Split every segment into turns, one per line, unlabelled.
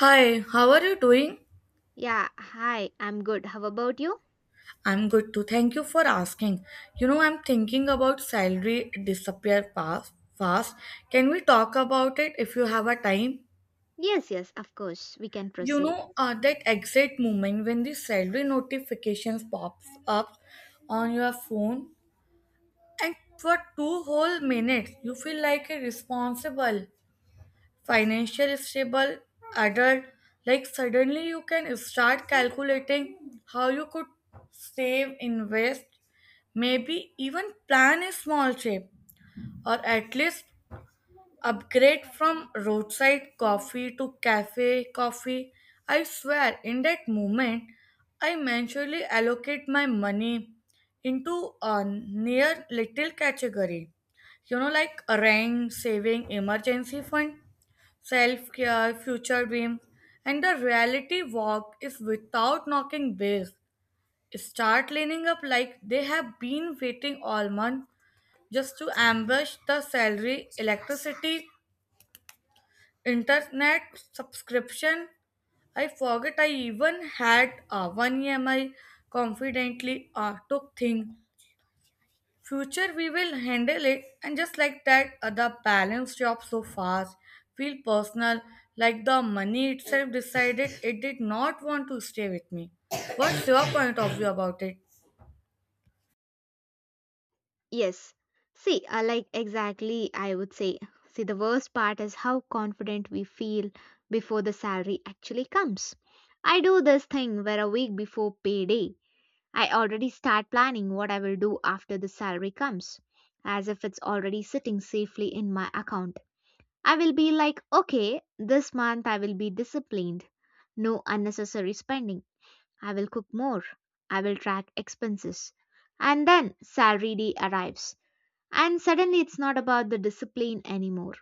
Hi, how are you doing?
Yeah, hi, I'm good. How about you?
I'm good too. Thank you for asking. You know, I'm thinking about salary disappear fast. Fast. Can we talk about it if you have a time?
Yes, yes, of course, we can
You
proceed.
know, that exact moment when the salary notifications pops up on your phone, and for two whole minutes, you feel like a responsible, financial stable adult. Like suddenly, you can start calculating how you could save, invest, maybe even plan a small trip or at least upgrade from roadside coffee to cafe coffee. I swear, in that moment, I mentally allocate my money into a near little category. You know, like a rank, saving, emergency fund, self care, future dream. And the reality walk is without knocking base. Start lining up like they have been waiting all month just to ambush the salary, electricity, internet subscription. I forget I even had a one EMI confidently took thing. Future we will handle it, and just like that the balance dropped so fast. Feel personal, like the money itself decided it did not want to stay with me. What's your point of view about it?
Yes. See, like exactly, I would say. See, the worst part is how confident we feel before the salary actually comes. I do this thing where a week before payday, I already start planning what I will do after the salary comes, as if it's already sitting safely in my account. I will be like, okay, this month I will be disciplined, no unnecessary spending. I will cook more. I will track expenses. And then salary day arrives. And suddenly it's not about the discipline anymore.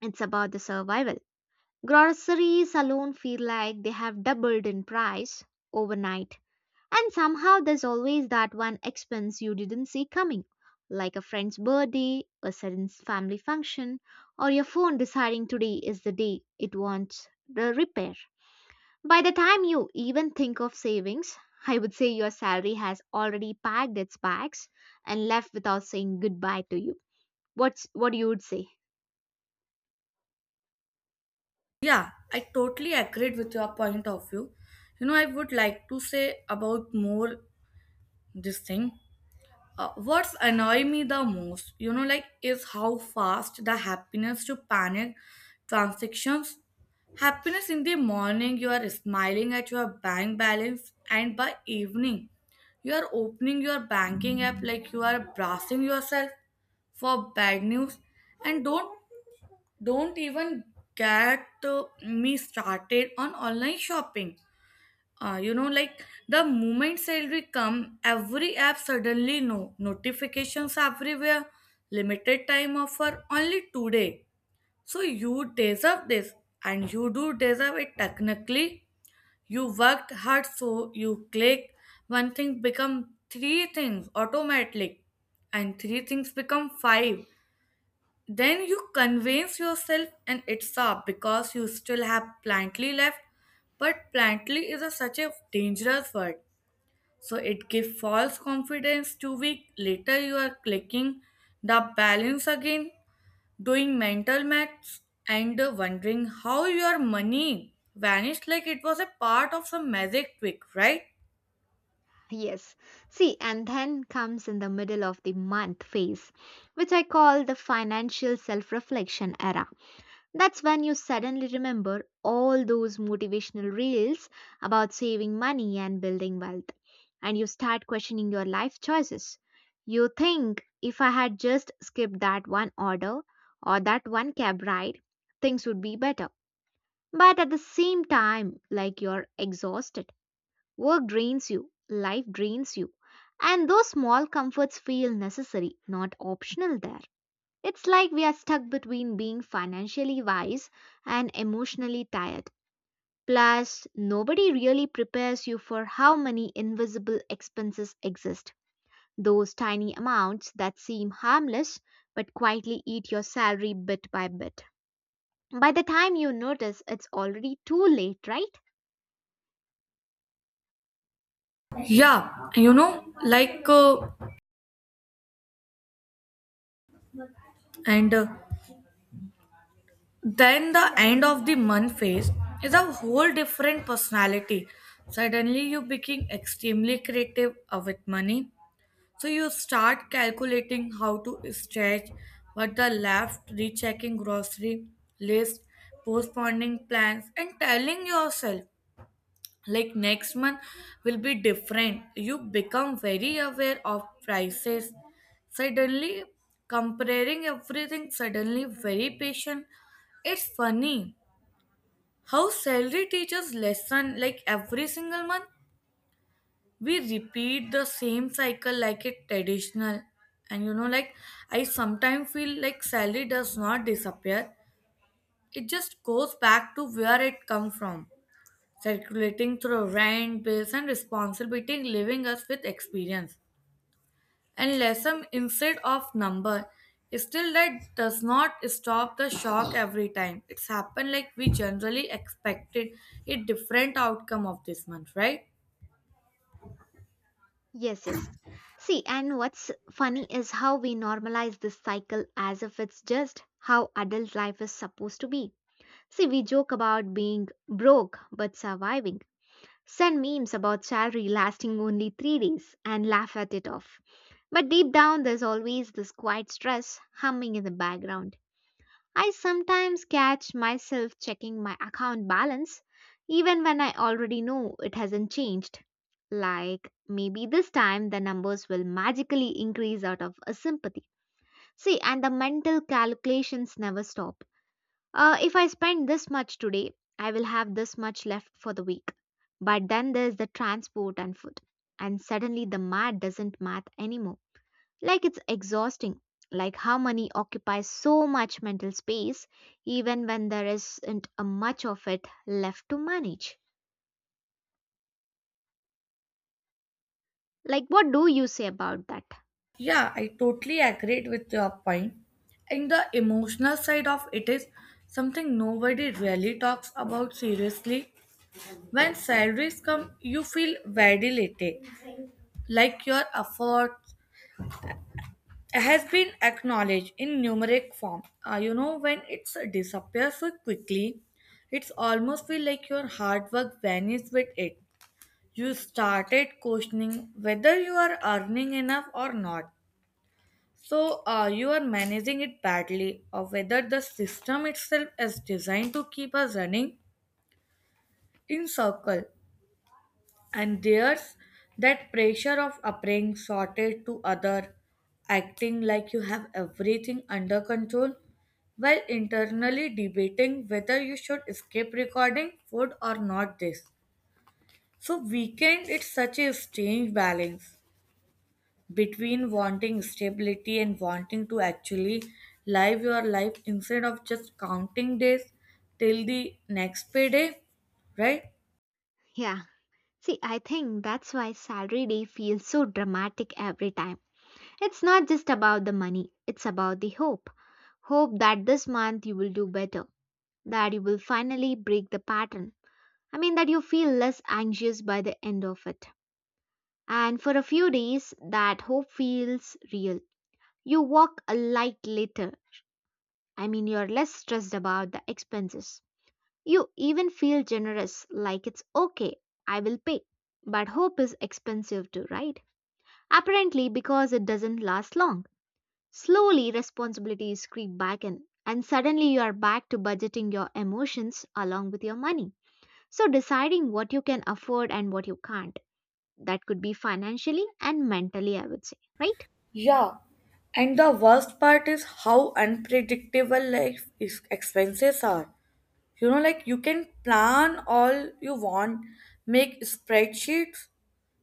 It's about the survival. Groceries alone feel like they have doubled in price overnight. And somehow there's always that one expense you didn't see coming, like a friend's birthday, a sudden family function, or your phone deciding today is the day it wants the repair. By the time you even think of savings, I would say your salary has already packed its bags and left without saying goodbye to you. What's what you would say?
Yeah, I totally agreed with your point of view. You know, I would like to say about more this thing. What's annoying me the most, you know, like, is how fast the happiness to panic transactions. Happiness in the morning, you are smiling at your bank balance, and by evening, you are opening your banking app like you are bracing yourself for bad news. And don't even get me started on online shopping, you know, like the moment salary come, every app suddenly no notifications everywhere. Limited time offer only today. So you deserve this, and you do deserve it. Technically, you worked hard, so you click one thing become three things automatically, and three things become five, then you convince yourself and it's up because you still have plantly left. But plantly is a, such a dangerous word. So it gives false confidence, two weeks later you are clicking the balance again, doing mental maths and wondering how your money vanished like it was a part of some magic trick, right?
Yes. See, and then comes in the middle of the month phase, which I call the financial self reflection era. That's when you suddenly remember all those motivational reels about saving money and building wealth, and you start questioning your life choices. You think if I had just skipped that one order or that one cab ride, things would be better. But at the same time, like you're exhausted, work drains you, life drains you, and those small comforts feel necessary, not optional there. It's like we are stuck between being financially wise and emotionally tired. Plus, nobody really prepares you for how many invisible expenses exist. Those tiny amounts that seem harmless but quietly eat your salary bit by bit. By the time you notice, it's already too late, right?
Yeah, you know, like and then the end of the month phase is a whole different personality. Suddenly you become extremely creative with money. So you start calculating how to stretch what the left, rechecking grocery list, postponing plans and telling yourself like next month will be different. You become very aware of prices, suddenly comparing everything, suddenly very patient. It's funny how salary teachers lesson like every single month we repeat the same cycle like it traditional. And you know, like I sometimes feel like salary does not disappear, it just goes back to where it come from, circulating through rent, bills, and responsibility, leaving us with experience and lesson instead of number. Still, that does not stop the shock every time. It's happened like we generally expected a different outcome of this month, right?
Yes, yes. See, and what's funny is how we normalize this cycle as if it's just how adult life is supposed to be. See, we joke about being broke but surviving, send memes about salary lasting only three days, and laugh at it off. But deep down, there's always this quiet stress humming in the background. I sometimes catch myself checking my account balance even when I already know it hasn't changed. Like, maybe this time the numbers will magically increase out of a sympathy. See, and the mental calculations never stop. If I spend this much today, I will have this much left for the week. But then there's the transport and food. And suddenly the math doesn't math anymore. Like it's exhausting. Like how money occupies so much mental space even when there isn't a much of it left to manage. Like what do you say about that?
Yeah, I totally agree with your point. And the emotional side of it is something nobody really talks about seriously. When salaries come, you feel validated, like your effort has been acknowledged in numeric form. You know, when it disappears so quickly, it's almost feel like your hard work vanished with it. You started questioning whether you are earning enough or not. So you are managing it badly, or whether the system itself is designed to keep us running in circle. And there's that pressure of appearing sorted to other, acting like you have everything under control, while internally debating whether you should skip recording food or not this. So weekend it's such a strange balance between wanting stability and wanting to actually live your life instead of just counting days till the next payday, right?
Yeah. See, I think that's why salary day feels so dramatic every time. It's not just about the money, it's about the hope. Hope that this month you will do better, that you will finally break the pattern. I mean, that you feel less anxious by the end of it. And for a few days, that hope feels real. You walk a light later. I mean, you're less stressed about the expenses. You even feel generous, like it's okay, I will pay. But hope is expensive too, right? Apparently, because it doesn't last long. Slowly, responsibilities creep back in, and suddenly you are back to budgeting your emotions along with your money. So, deciding what you can afford and what you can't. That could be financially and mentally, I would say, right?
Yeah, and the worst part is how unpredictable life is expenses are. You know, like you can plan all you want, make spreadsheets,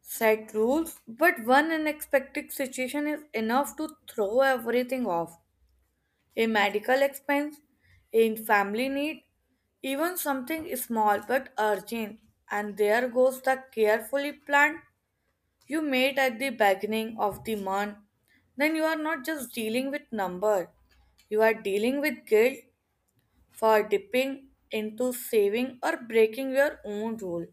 set rules, but one unexpected situation is enough to throw everything off. A medical expense, a family need, even something small but urgent, and there goes the carefully planned you made at the beginning of the month, then you are not just dealing with number, you are dealing with guilt for dipping into saving or breaking your own rule.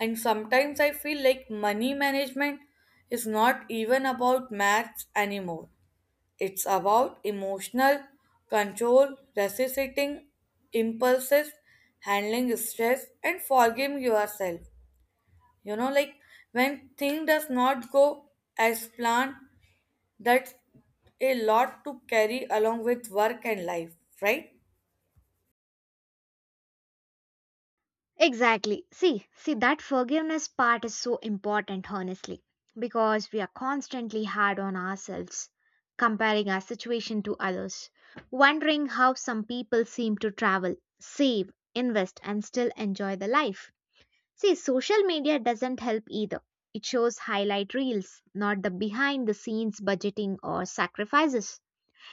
And sometimes I feel like money management is not even about maths anymore. It's about emotional control, resisting impulses, handling stress, and forgiving yourself, you know, like when thing does not go as planned. That's a lot to carry along with work and life, right?
Exactly. See, see that forgiveness part is so important honestly because we are constantly hard on ourselves comparing our situation to others wondering how some people seem to travel save invest and still enjoy the life. See, social media doesn't help either. It shows highlight reels, not the behind the scenes budgeting or sacrifices.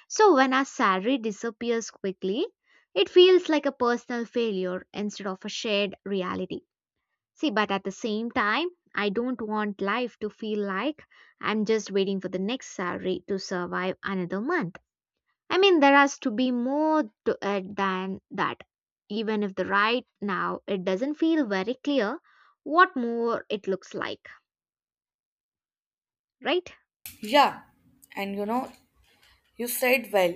So, when our salary disappears quickly, it feels like a personal failure instead of a shared reality. See, but at the same time, I don't want life to feel like I'm just waiting for the next salary to survive another month. I mean, there has to be more to it than that. Even if the right now it doesn't feel very clear what more it looks like, right?
Yeah, and you know, you said well,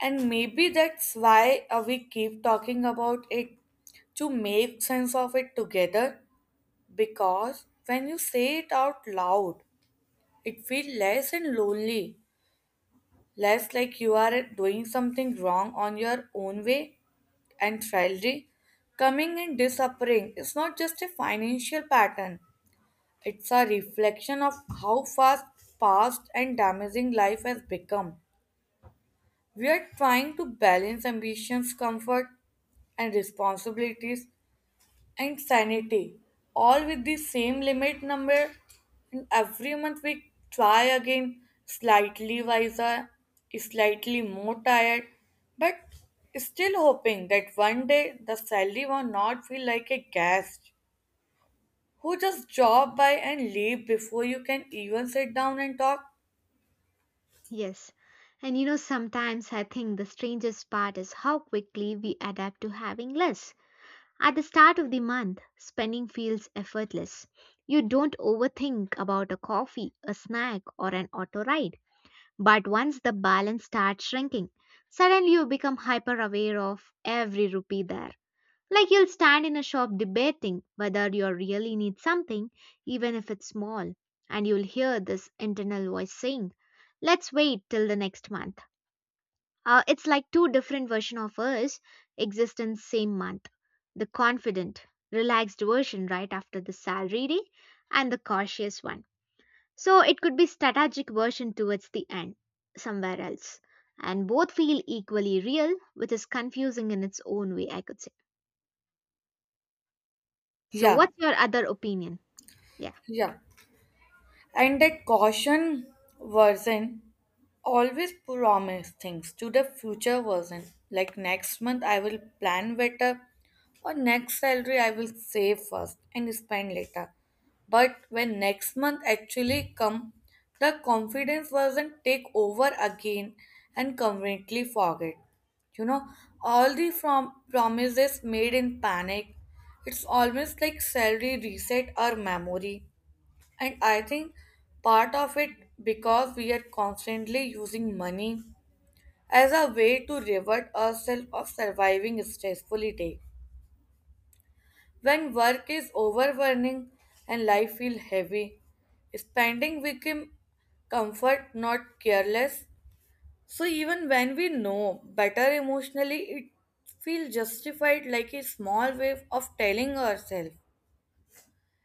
and maybe that's why we keep talking about it, to make sense of it together, because when you say it out loud it feels less and lonely, less like you are doing something wrong on your own way. And salary coming and disappearing is not just a financial pattern, it's a reflection of how fast, fast, and damaging life has become. We are trying to balance ambitions, comfort, and responsibilities and sanity, all with the same limit number. And every month we try again, slightly wiser, slightly more tired, but still hoping that one day the salary will not feel like a guest who just drop by and leave before you can even sit down and talk.
Yes. And you know, sometimes I think the strangest part is how quickly we adapt to having less. At the start of the month, spending feels effortless. You don't overthink about a coffee, a snack, or an auto ride. But once the balance starts shrinking, suddenly you become hyper aware of every rupee there. Like you'll stand in a shop debating whether you really need something, even if it's small, and you'll hear this internal voice saying, let's wait till the next month. It's like two different versions of us exist in same month. The confident, relaxed version right after the salary day and the cautious one. So it could be strategic version towards the end, somewhere else. And both feel equally real, which is confusing in its own way, I could say. So,
Yeah,
what's your other opinion? Yeah.
yeah. And that caution version always promise things to the future version. Like next month I will plan better, or next salary I will save first and spend later. But when next month actually come, the confidence version take over again and completely forget. You know, all the from promises made in panic. It's almost like salary reset our memory, and I think part of it because we are constantly using money as a way to reward ourselves of surviving stressfully day. When work is overwhelming and life feels heavy, spending became comfort, not careless. So even when we know better emotionally, it feels justified like a small way of telling ourselves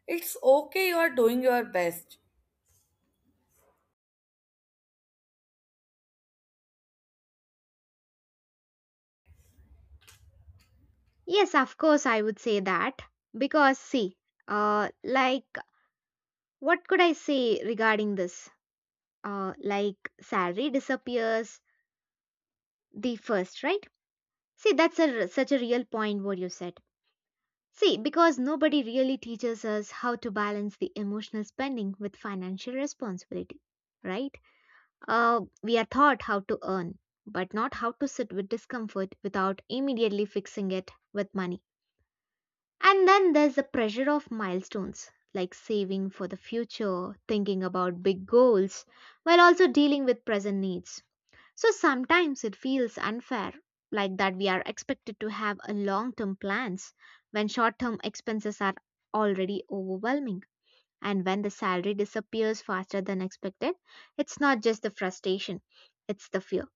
it's okay, you are doing your best.
Yes, of course, I would say that. Because, see, uh, like, what could I say regarding this? Salary disappears the first, right? See, that's a, r- such a real point what you said. See, because nobody really teaches us how to balance the emotional spending with financial responsibility, right? We are taught how to earn, but not how to sit with discomfort without immediately fixing it with money. And then there's the pressure of milestones, like saving for the future, thinking about big goals, while also dealing with present needs. So sometimes it feels unfair, like that we are expected to have a long term plans when short term expenses are already overwhelming. And when the salary disappears faster than expected, it's not just the frustration, it's the fear.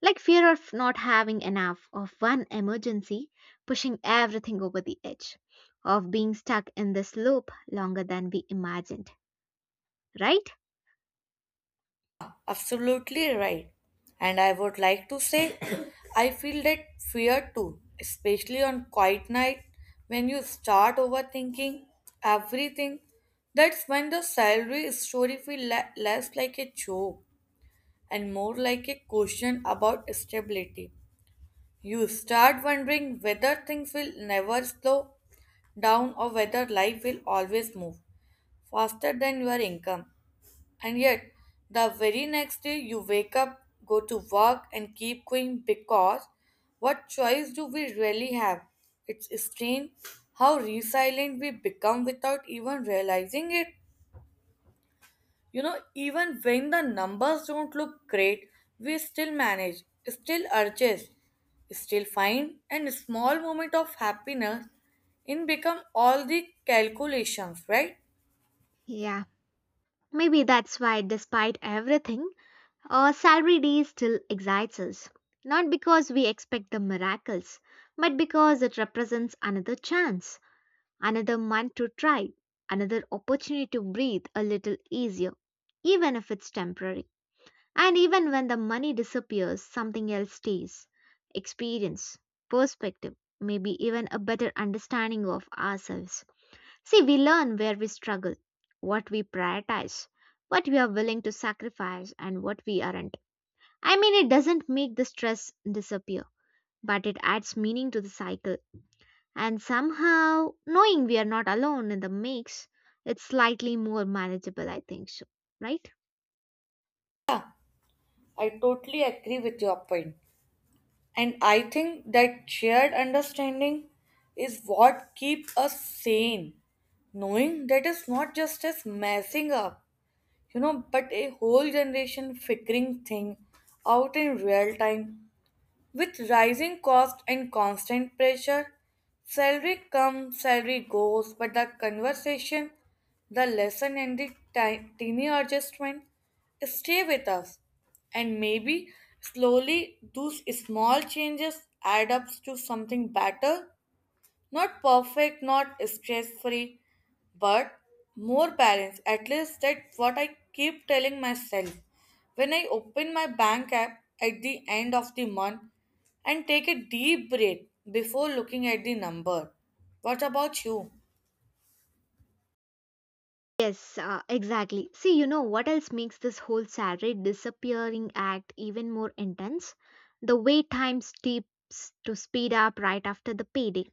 Like fear of not having enough, of one emergency pushing everything over the edge, of being stuck in this loop longer than we imagined, right?
Absolutely right. And I would like to say, I feel that fear too, especially on quiet night when you start overthinking everything. That's when the salary story feel less like a joke and more like a question about stability. You start wondering whether things will never slow down or whether life will always move faster than your income. And yet, the very next day you wake up, go to work, and keep going because what choice do we really have? It's strange how resilient we become without even realizing it. You know, even when the numbers don't look great, we still manage, still urges, still find, and small moment of happiness in become all the calculations, right?
Yeah. Maybe that's why, despite everything, our salary day still excites us. Not because we expect the miracles, but because it represents another chance. Another month to try, another opportunity to breathe a little easier, even if it's temporary. And even when the money disappears, something else stays experience, perspective, maybe even a better understanding of ourselves. See, we learn where we struggle, what we prioritize, what we are willing to sacrifice, and what we aren't. I mean, it doesn't make the stress disappear, but it adds meaning to the cycle. And somehow, knowing we are not alone in the mix, it's slightly more manageable, I think so, right?
I totally agree with your point. And I think that shared understanding is what keeps us sane, knowing that it's not just us messing up, you know, but a whole generation figuring thing out in real time with rising cost and constant pressure. Salary comes, salary goes, but the conversation, the lesson, and the tiny adjustment stay with us. And maybe slowly those small changes add up to something better, not perfect, not stress free, but more balanced. At least that's what I keep telling myself. When I open my bank app at the end of the month and take a deep breath before looking at the number. What about you?
Yes, exactly. See, you know what else makes this whole salary disappearing act even more intense? The wait time steeps to speed up right after the payday.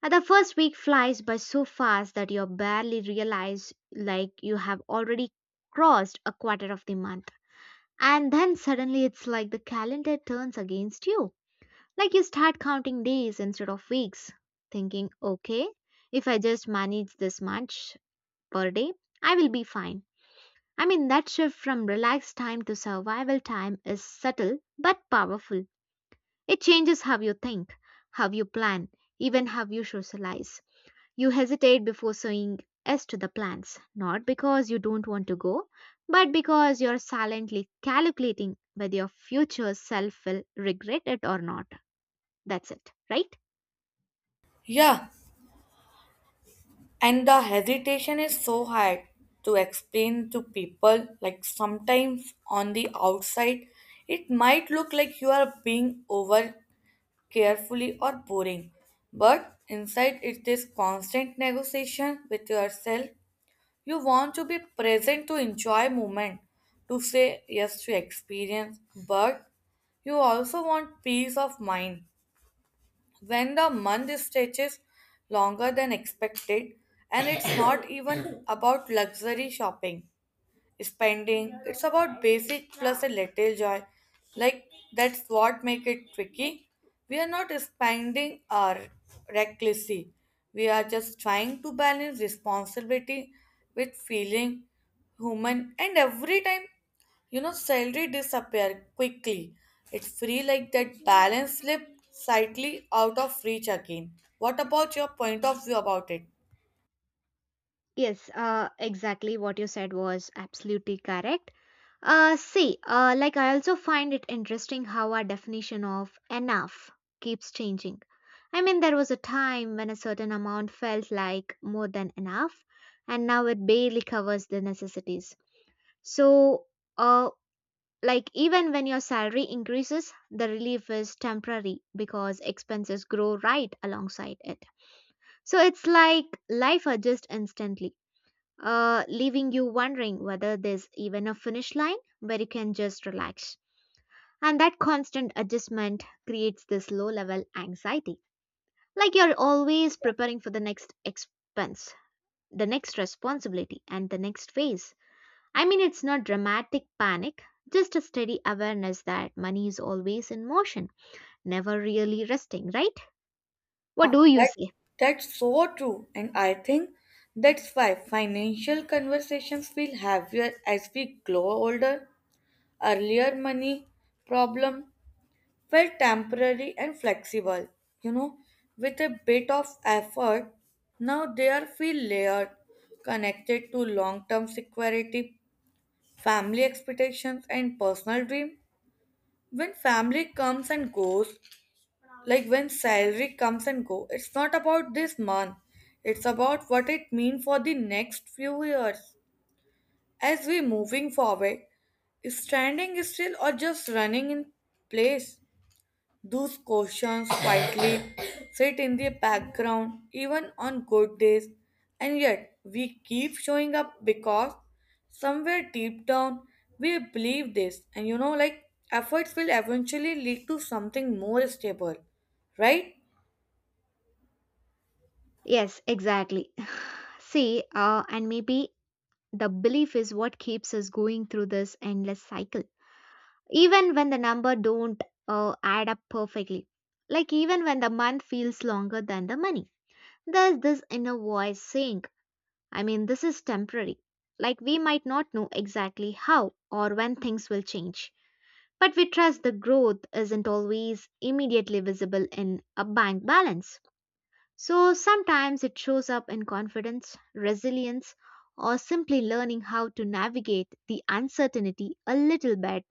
The first week flies by so fast that you barely realize like you have already crossed a quarter of the month. And then suddenly it's like the calendar turns against you. Like you start counting days instead of weeks, thinking, okay, if I just manage this much per day, I will be fine. I mean, that shift from relaxed time to survival time is subtle but powerful. It changes how you think, how you plan, even how you socialize. You hesitate before saying yes to the plans, not because you don't want to go, but because you're silently calculating whether your future self will regret it or not. That's it, right?
Yeah, and the hesitation is so hard to explain to people. Like sometimes on the outside, it might look like you are being over carefully or boring. But inside it is constant negotiation with yourself. You want to be present to enjoy moment, to say yes to experience, but you also want peace of mind. When the month stretches longer than expected, and it's not even about luxury shopping spending. It's about basic plus a little joy. Like that's what make it tricky. We are not spending our recklessly. We are just trying to balance responsibility with feeling human, and every time, you know, salary disappear quickly. It's free like that balance slip slightly out of reach again. What about your point of view about it?
Yes, exactly what you said was absolutely correct. See, like I also find it interesting how our definition of enough keeps changing. I mean, there was a time when a certain amount felt like more than enough, and now it barely covers the necessities. So, uh, like even when your salary increases, the relief is temporary because expenses grow right alongside it. So it's like life adjusts instantly leaving you wondering whether there's even a finish line where you can just relax. And that constant adjustment creates this low level anxiety. Like you're always preparing for the next expense, the next responsibility, and the next phase. I mean, it's not dramatic panic, just a steady awareness that money is always in motion, never really resting, right? What do you
That,
say?
that's so true, and I think that's why financial conversations feel heavier as we grow older. Earlier, money problem felt temporary and flexible, you know, with a bit of effort. Now they are feel layered, connected to long-term security, family expectations, and personal dream. When family comes and goes, like when salary comes and go, it's not about this month. It's about what it means for the next few years. As we moving forward, standing still or just running in place. Those questions quietly sit in the background even on good days, and yet we keep showing up because somewhere deep down we believe this, and you know, like efforts will eventually lead to something more stable, right?
Yes, exactly. See, and maybe the belief is what keeps us going through this endless cycle. Even when the number don't add up perfectly. Like even when the month feels longer than the money. There's this inner voice saying, I mean, this is temporary. Like we might not know exactly how or when things will change. But we trust the growth isn't always immediately visible in a bank balance. So sometimes it shows up in confidence, resilience, or simply learning how to navigate the uncertainty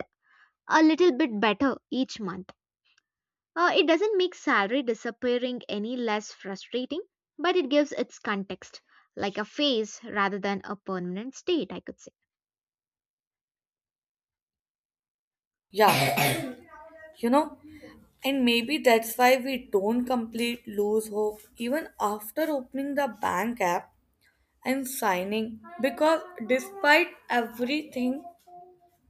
a little bit better each month. It doesn't make salary disappearing any less frustrating, but it gives its context, like a phase rather than a permanent state, I could say.
Yeah, you know, and maybe that's why we don't complete lose hope even after opening the bank app and signing, because despite everything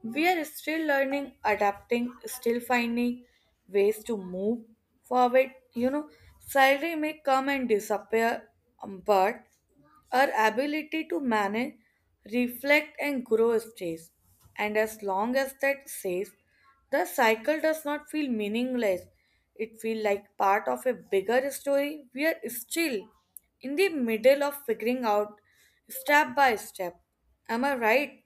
we are still learning, adapting, still finding ways to move forward. You know, salary may come and disappear, but our ability to manage, reflect, and grow stays. And as long as that stays, the cycle does not feel meaningless. It feels like part of a bigger story. We are still in the middle of figuring out, step by step. Am I right?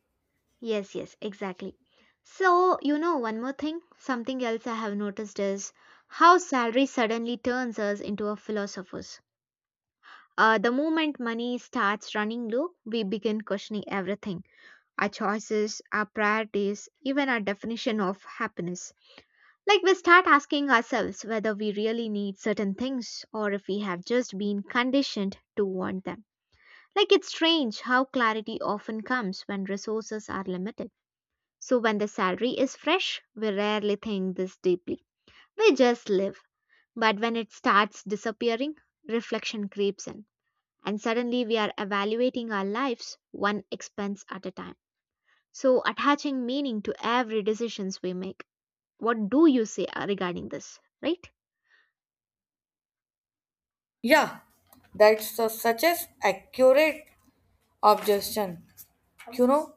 Yes, yes, exactly. So, you know, one more thing, something else I have noticed is how salary suddenly turns us into a philosopher. The moment money starts running low, we begin questioning everything, our choices, our priorities, even our definition of happiness. Like, we start asking ourselves whether we really need certain things or if we have just been conditioned to want them. Like, it's strange how clarity often comes when resources are limited. So when the salary is fresh, we rarely think this deeply. We just live. But when it starts disappearing, reflection creeps in and suddenly we are evaluating our lives one expense at a time, so attaching meaning to every decisions we make. What do you say, regarding this, right?
Yeah, that's a, such as accurate objection. You know,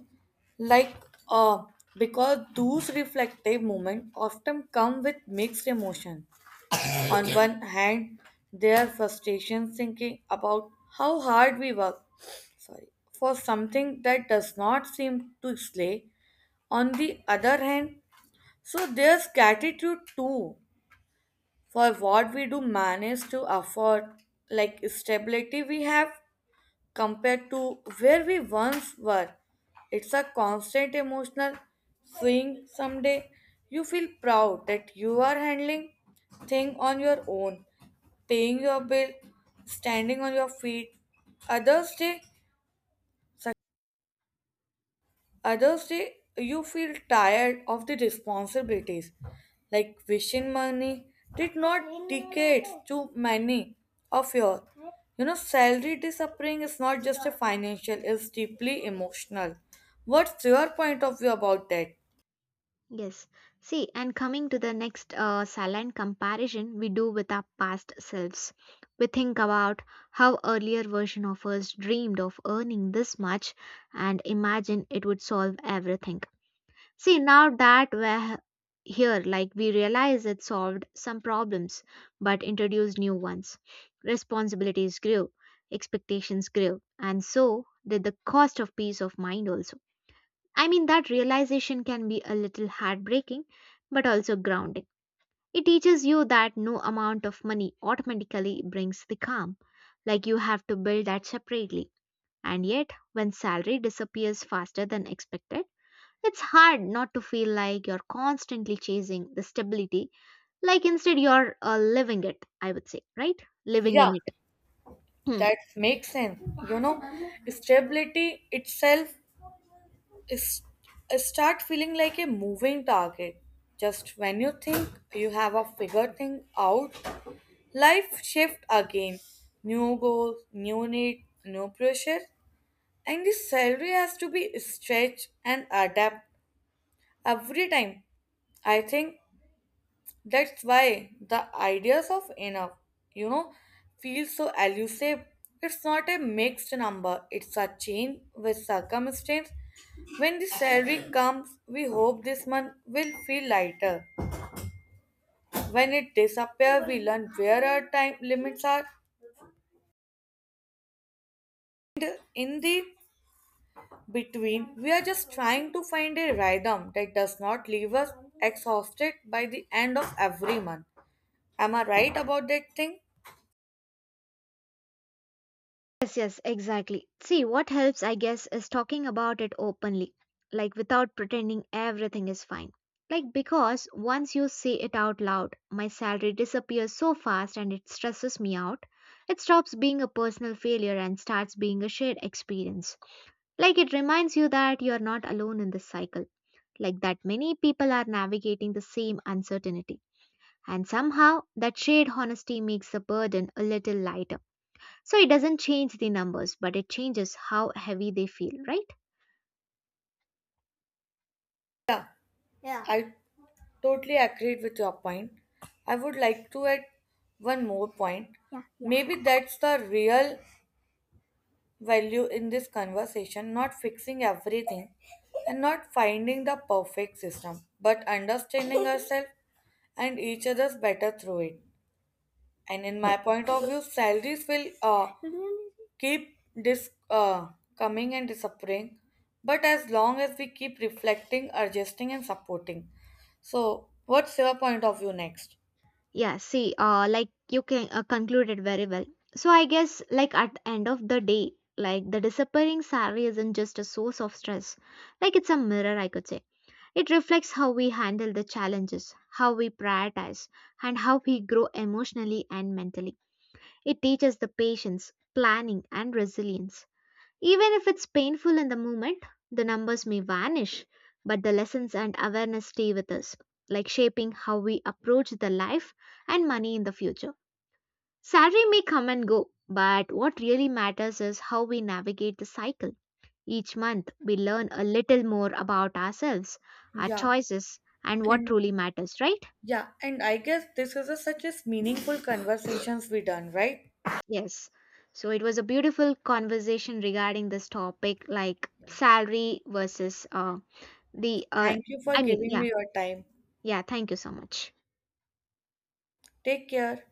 like uh, because those reflective moments often come with mixed emotion. On one hand, there are frustrations thinking about how hard we work, sorry, for something that does not seem to slay. On the other hand, so there's gratitude too for what we do manage to afford, like stability we have compared to where we once were. It's a constant emotional swing. Someday you feel proud that you are handling things on your own, paying your bill, standing on your feet. Others day Others day, you feel tired of the responsibilities, like wishing money did not decades to many of your. You know, salary disappearing is not just a financial; it's deeply emotional. What's your point of view about that?
Yes. See, and coming to the next, silent comparison we do with our past selves, we think about how earlier version of us dreamed of earning this much and imagine it would solve everything. See, now that we're here, like we realize it solved some problems but introduced new ones. Responsibilities grew, expectations grew, and so did the cost of peace of mind also. I mean, that realization can be a little heartbreaking but also grounding. It teaches you that no amount of money automatically brings the calm, like you have to build that separately. And yet, when salary disappears faster than expected, it's hard not to feel like you're constantly chasing the stability, like instead you're living it, I would say, right? Living
Yeah,
in it. Hmm.
that makes sense. You know, stability itself is start feeling like a moving target. Just when you think you have a figure thing out, life shift again. New goals, new need, new pressure. And the salary has to be stretched and adapt every time. I think that's why the ideas of enough, you know, feel so elusive. It's not a mixed number, it's a change with circumstance. When the salary comes, we hope this month will feel lighter. When it disappears, we learn where our time limits are. In the between we are just trying to find a rhythm that does not leave us exhausted by the end of every month. Am I right about that thing?
Yes, yes, exactly. See, what helps, I guess, is talking about it openly, like without pretending everything is fine. Like, because once you say it out loud, my salary disappears so fast and it stresses me out, it stops being a personal failure and starts being a shared experience. Like, it reminds you that you're not alone in this cycle, like that many people are navigating the same uncertainty. And somehow, that shared honesty makes the burden a little lighter. So it doesn't change the numbers, but it changes how heavy they feel, right?
Yeah. Yeah, I totally agreed with your point. I would like to add one more point. Yeah. Yeah, maybe that's the real value in this conversation, not fixing everything and not finding the perfect system but understanding ourselves and each other's better through it. And in
Yeah.
my point of view, salaries will keep dis- uh, coming and disappearing. But as long as we keep reflecting, adjusting, and supporting. So, what's your point of view next?
Yeah, see, like you can conclude it very well. So I guess, like at the end of the day, like the disappearing salary isn't just a source of stress, like it's a mirror, I could say. It reflects how we handle the challenges, how we prioritize, and how we grow emotionally and mentally. It teaches the patience, planning, and resilience. Even if it's painful in the moment, the numbers may vanish, but the lessons and awareness stay with us, like shaping how we approach the life and money in the future. Salary may come and go, but what really matters is how we navigate the cycle. Each month, we learn a little more about ourselves, our
Yeah,
choices, and what
and
truly matters, right?
yeah, and I guess this is a, such as meaningful conversations we done, right?
Yes. So it was a beautiful conversation regarding this topic, like salary versus the.
Thank you for
I mean,
giving
yeah,
me your time.
yeah. Thank you so much.
Take care.